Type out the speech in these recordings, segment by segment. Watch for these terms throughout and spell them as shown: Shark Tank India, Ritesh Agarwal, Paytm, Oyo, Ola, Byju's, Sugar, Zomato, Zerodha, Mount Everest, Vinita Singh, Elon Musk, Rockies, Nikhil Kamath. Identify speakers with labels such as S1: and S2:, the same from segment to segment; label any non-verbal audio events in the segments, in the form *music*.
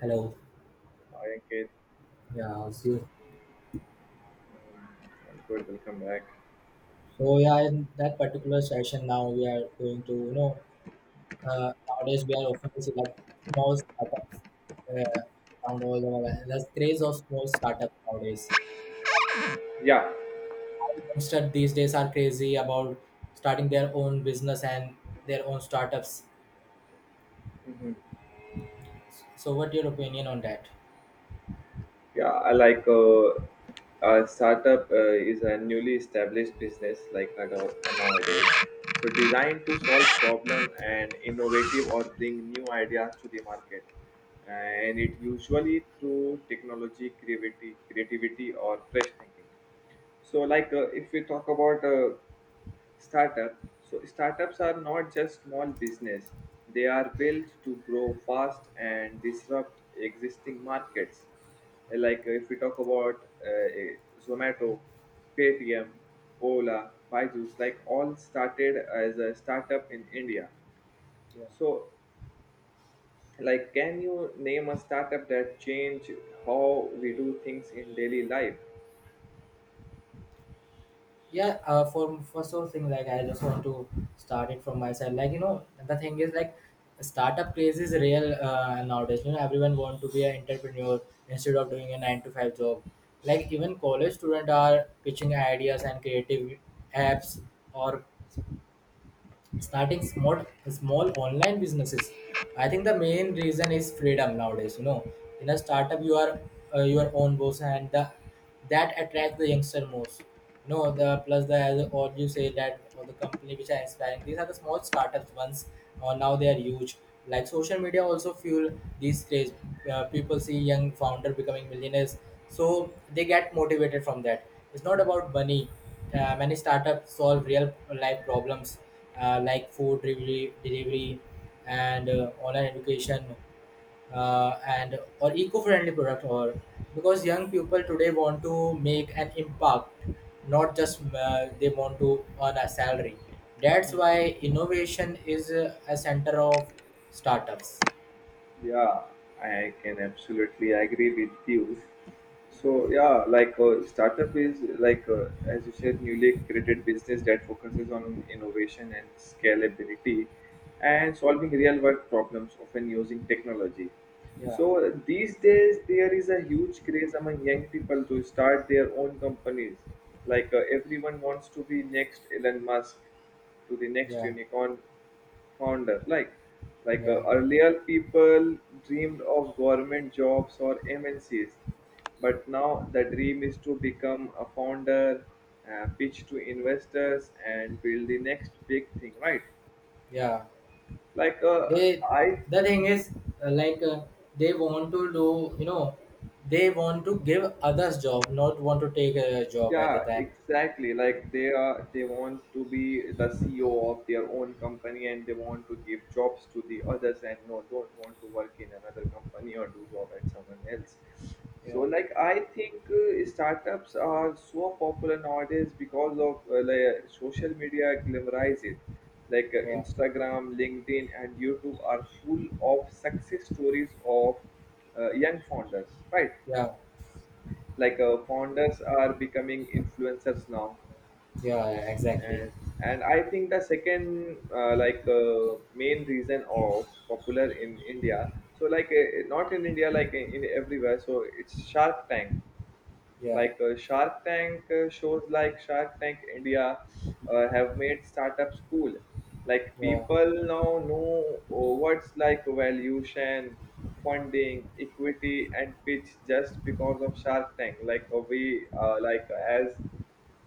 S1: Hello.
S2: Hi, Ankit.
S1: Yeah, it's you.
S2: I'm good. Welcome back.
S1: So yeah, in that particular session, now we are going to nowadays we are often see like small startups around all the world. The craze of small startups nowadays.
S2: Yeah.
S1: Youngsters these days are crazy about starting their own business and their own startups.
S2: Mhm.
S1: So, what your opinion on that?
S2: Yeah, I like a startup is a newly established business like nowadays. So designed to solve problem and innovative or bring new ideas to the market, and it usually through technology, creativity or fresh thinking. So like if we talk about Startup. So startups are not just small business. They are built to grow fast and disrupt existing markets. Like if we talk about uh, Zomato, Paytm, Ola, Byju's, like all started as a startup in India. So like can you name a startup that changed how we do things in daily life?
S1: Yeah for so thing like I just want to start it from my side like you know the thing is like startup craze is real nowadays you know everyone want to be an entrepreneur instead of doing a 9 to 5 job, like even college students are pitching ideas and creative apps or starting small online businesses. I think the main reason is freedom nowadays, you know, in a startup you are your own boss, and that attracts the youngster most. You know, the plus the as all you say that all the company which are inspiring, these are the small startups ones, or now they are huge. Like social media also fuel these craze. People see young founder becoming millionaires, so they get motivated from that. It's not about money. Many startups solve real life problems, like food delivery and online education, and or eco-friendly product, or because young people today want to make an impact, not just they want to earn a salary. That's why innovation is a center of startups.
S2: Yeah, I can absolutely agree with you. So yeah, like startup is like as you said, newly created business that focuses on innovation and scalability, and solving real world problems, often using technology.
S1: Yeah,
S2: So these days there is a huge craze among young people to start their own companies. Like everyone wants to be next Elon Musk, to the next
S1: yeah,
S2: unicorn founder.
S1: yeah,
S2: Earlier, people dreamed of government jobs or MNCs, but now the dream is to become a founder, pitch to investors, and build the next big thing. Right?
S1: yeah,
S2: Like,
S1: they,
S2: I
S1: the thing is uh, like uh, they want to do, you know, they want to give others job, not want to take a job at the
S2: Yeah,
S1: time.
S2: exactly. Like they want to be the CEO of their own company and they want to give jobs to the others and no, don't want to work in another company or do job at someone else. So,
S1: Yeah,
S2: like I think startups are so popular nowadays because of like social media glamorize it. Like
S1: yeah,
S2: Instagram, LinkedIn, and YouTube are full of success stories of young founders, right?
S1: yeah,
S2: Like founders are becoming influencers now.
S1: yeah, yeah, exactly.
S2: And and I think the second like main reason of popular in India, so like not in India like in everywhere, so it's Shark Tank,
S1: Yeah,
S2: like Shark Tank shows like Shark Tank India have made startups cool. Like
S1: yeah,
S2: people now know what's like valuation, funding, equity, and pitch just because of Shark Tank. Like we like as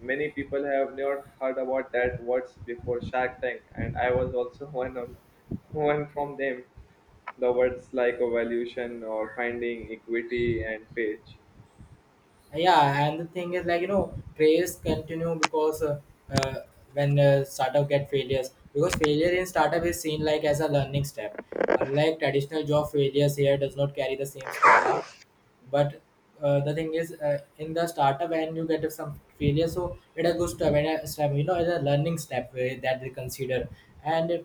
S2: many people have not heard about that words before Shark Tank, and I was also *laughs* one from them. The words like valuation or finding equity and pitch.
S1: yeah. And the thing is, like you know, craze continue because uh, when startup get failures, because failure in startup is seen like as a learning step. Unlike traditional job, failures here does not carry the same stigma. But the thing is, in the startup, when you get some failure, so it a good step, and a step, you know, it's a learning step that they consider. And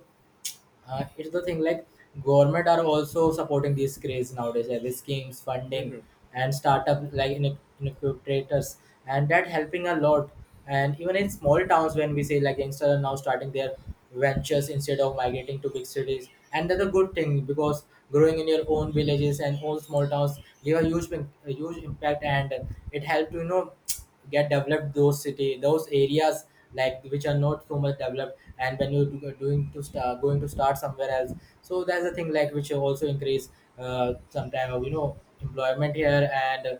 S1: it's the thing like government are also supporting these craze nowadays, every schemes funding
S2: Hmm.
S1: and startup like incubators, and that helping a lot. And even in small towns, when we say like youngsters are now starting their ventures instead of migrating to big cities, and that's a good thing because growing in your own villages and own small towns give a a huge impact, and it helps, you know, get developed those city, those areas, like which are not so much developed. And when you're doing to start going to start somewhere else, so that's the thing like which also increase sometime of, you know, employment here. And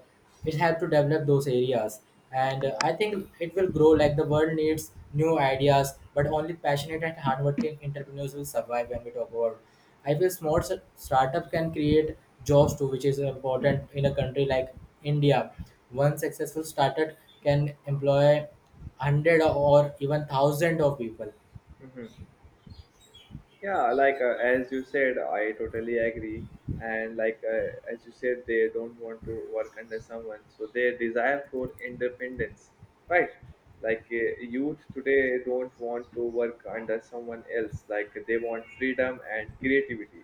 S1: it help to develop those areas. And I think it will grow, like the world needs new ideas, but only passionate and hardworking entrepreneurs will survive. When we talk about, I feel small startup can create jobs too, which is important in a country like India. One successful startup can employ hundred or even thousand of people.
S2: Yeah, like as you said, I totally agree, and like as you said, they don't want to work under someone, so they desire for independence, right? Like youth today don't want to work under someone else, like they want freedom and creativity,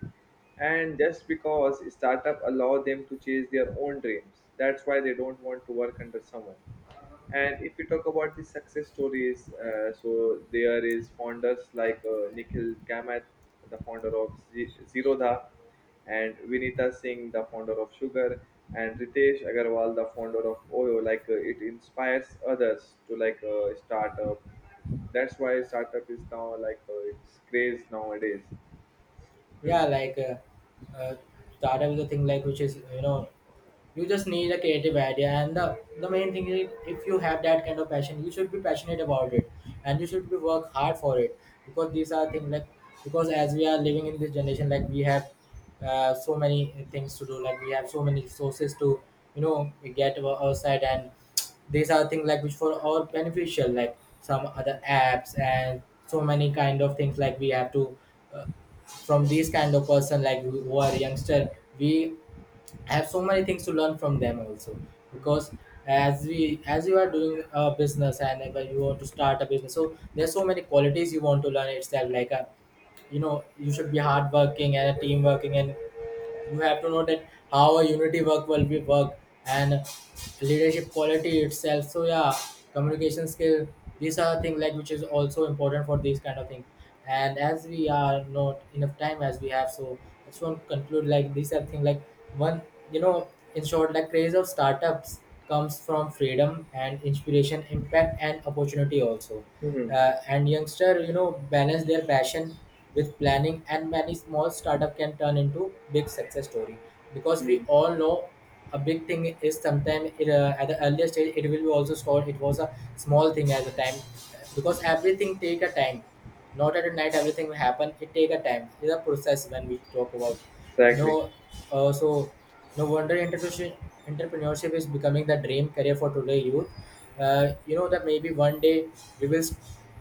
S2: and just because startup allow them to chase their own dreams, that's why they don't want to work under someone. And if we talk about the success stories, so there is founders like Nikhil Kamath, the founder of Zerodha, and Vinita Singh, the founder of Sugar, and Ritesh Agarwal, the founder of Oyo. Like it inspires others to like start up. That's why startup is now like it's craze nowadays. Hmm.
S1: Yeah, like startup is a thing like which is, you know, you just need a creative idea, and the main thing is if you have that kind of passion you should be passionate about it, and you should be work hard for it, because these are things like, because as we are living in this generation, like we have so many things to do, like we have so many resources to, you know, get outside. And these are things like which for all beneficial, like some other apps and so many kind of things like we have to uh, from these kind of person like who are youngster, we, I have so many things to learn from them also, because as we as you are doing a business, and when you want to start a business, so there's so many qualities you want to learn itself, like a, you know, you should be hard working and a team working. And you have to know that how a unity work will be work, and leadership quality itself. So yeah, communication skill, these are things like which is also important for these kind of things. And as we are not enough time as we have, so I just want to conclude like these are things like, one, you know, in short, like craze of startups comes from freedom and inspiration, impact and opportunity also.
S2: Hmm.
S1: And youngster, you know, balance their passion with planning, and many small startup can turn into big success story, because we
S2: Hmm.
S1: all know a big thing is sometimes it, at the earlier stage it will be also stored, it was a small thing at the time, because everything take a time, not at night everything will happen. It take a time. It's a process when we talk about.
S2: Exactly.
S1: No, so no wonder entrepreneurship is becoming the dream career for today youth. You know that maybe one day we will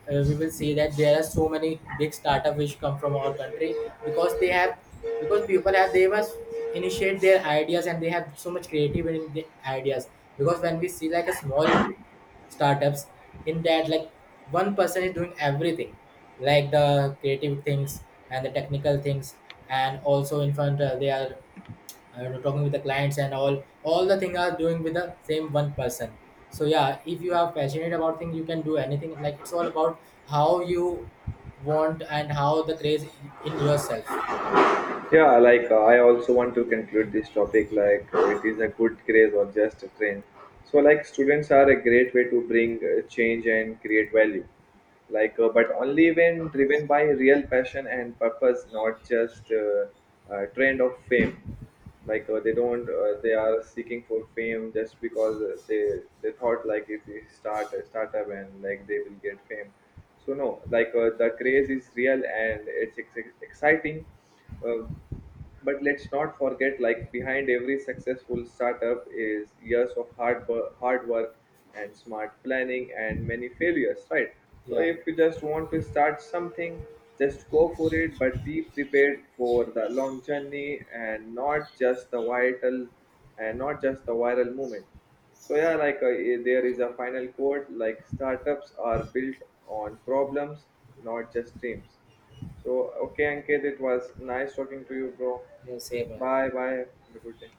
S1: we will see that there are so many big startup which come from our country, because they have, because people have, they must initiate their ideas, and they have so much creative in the ideas, because when we see like a small startups, in that like one person is doing everything, like the creative things and the technical things, and also in front they are talking with the clients, and all the things are doing with the same one person. So yeah, if you are passionate about things you can do anything, like it's all about how you want and how the craze in yourself.
S2: Yeah, like I also want to conclude this topic, like it is a good craze or just a trend. So like students are a great way to bring change and create value. Like but only when driven by real passion and purpose, not just trend of fame, like they don't they are seeking for fame just because they thought like if we start a startup and like they will get fame. So no, like the craze is real and exciting, uh, but let's not forget, like behind every successful startup is years of hard work and smart planning and many failures, right? So
S1: Yeah,
S2: if you just want to start something, just go for it, but be prepared for the long journey and not just the vital and not just the viral moment. So yeah, like there is a final quote like startups are built on problems, not just dreams. So, okay, Ankit, it was nice talking to you, bro.
S1: yeah, same, yeah.
S2: Bye bye. Have a good day.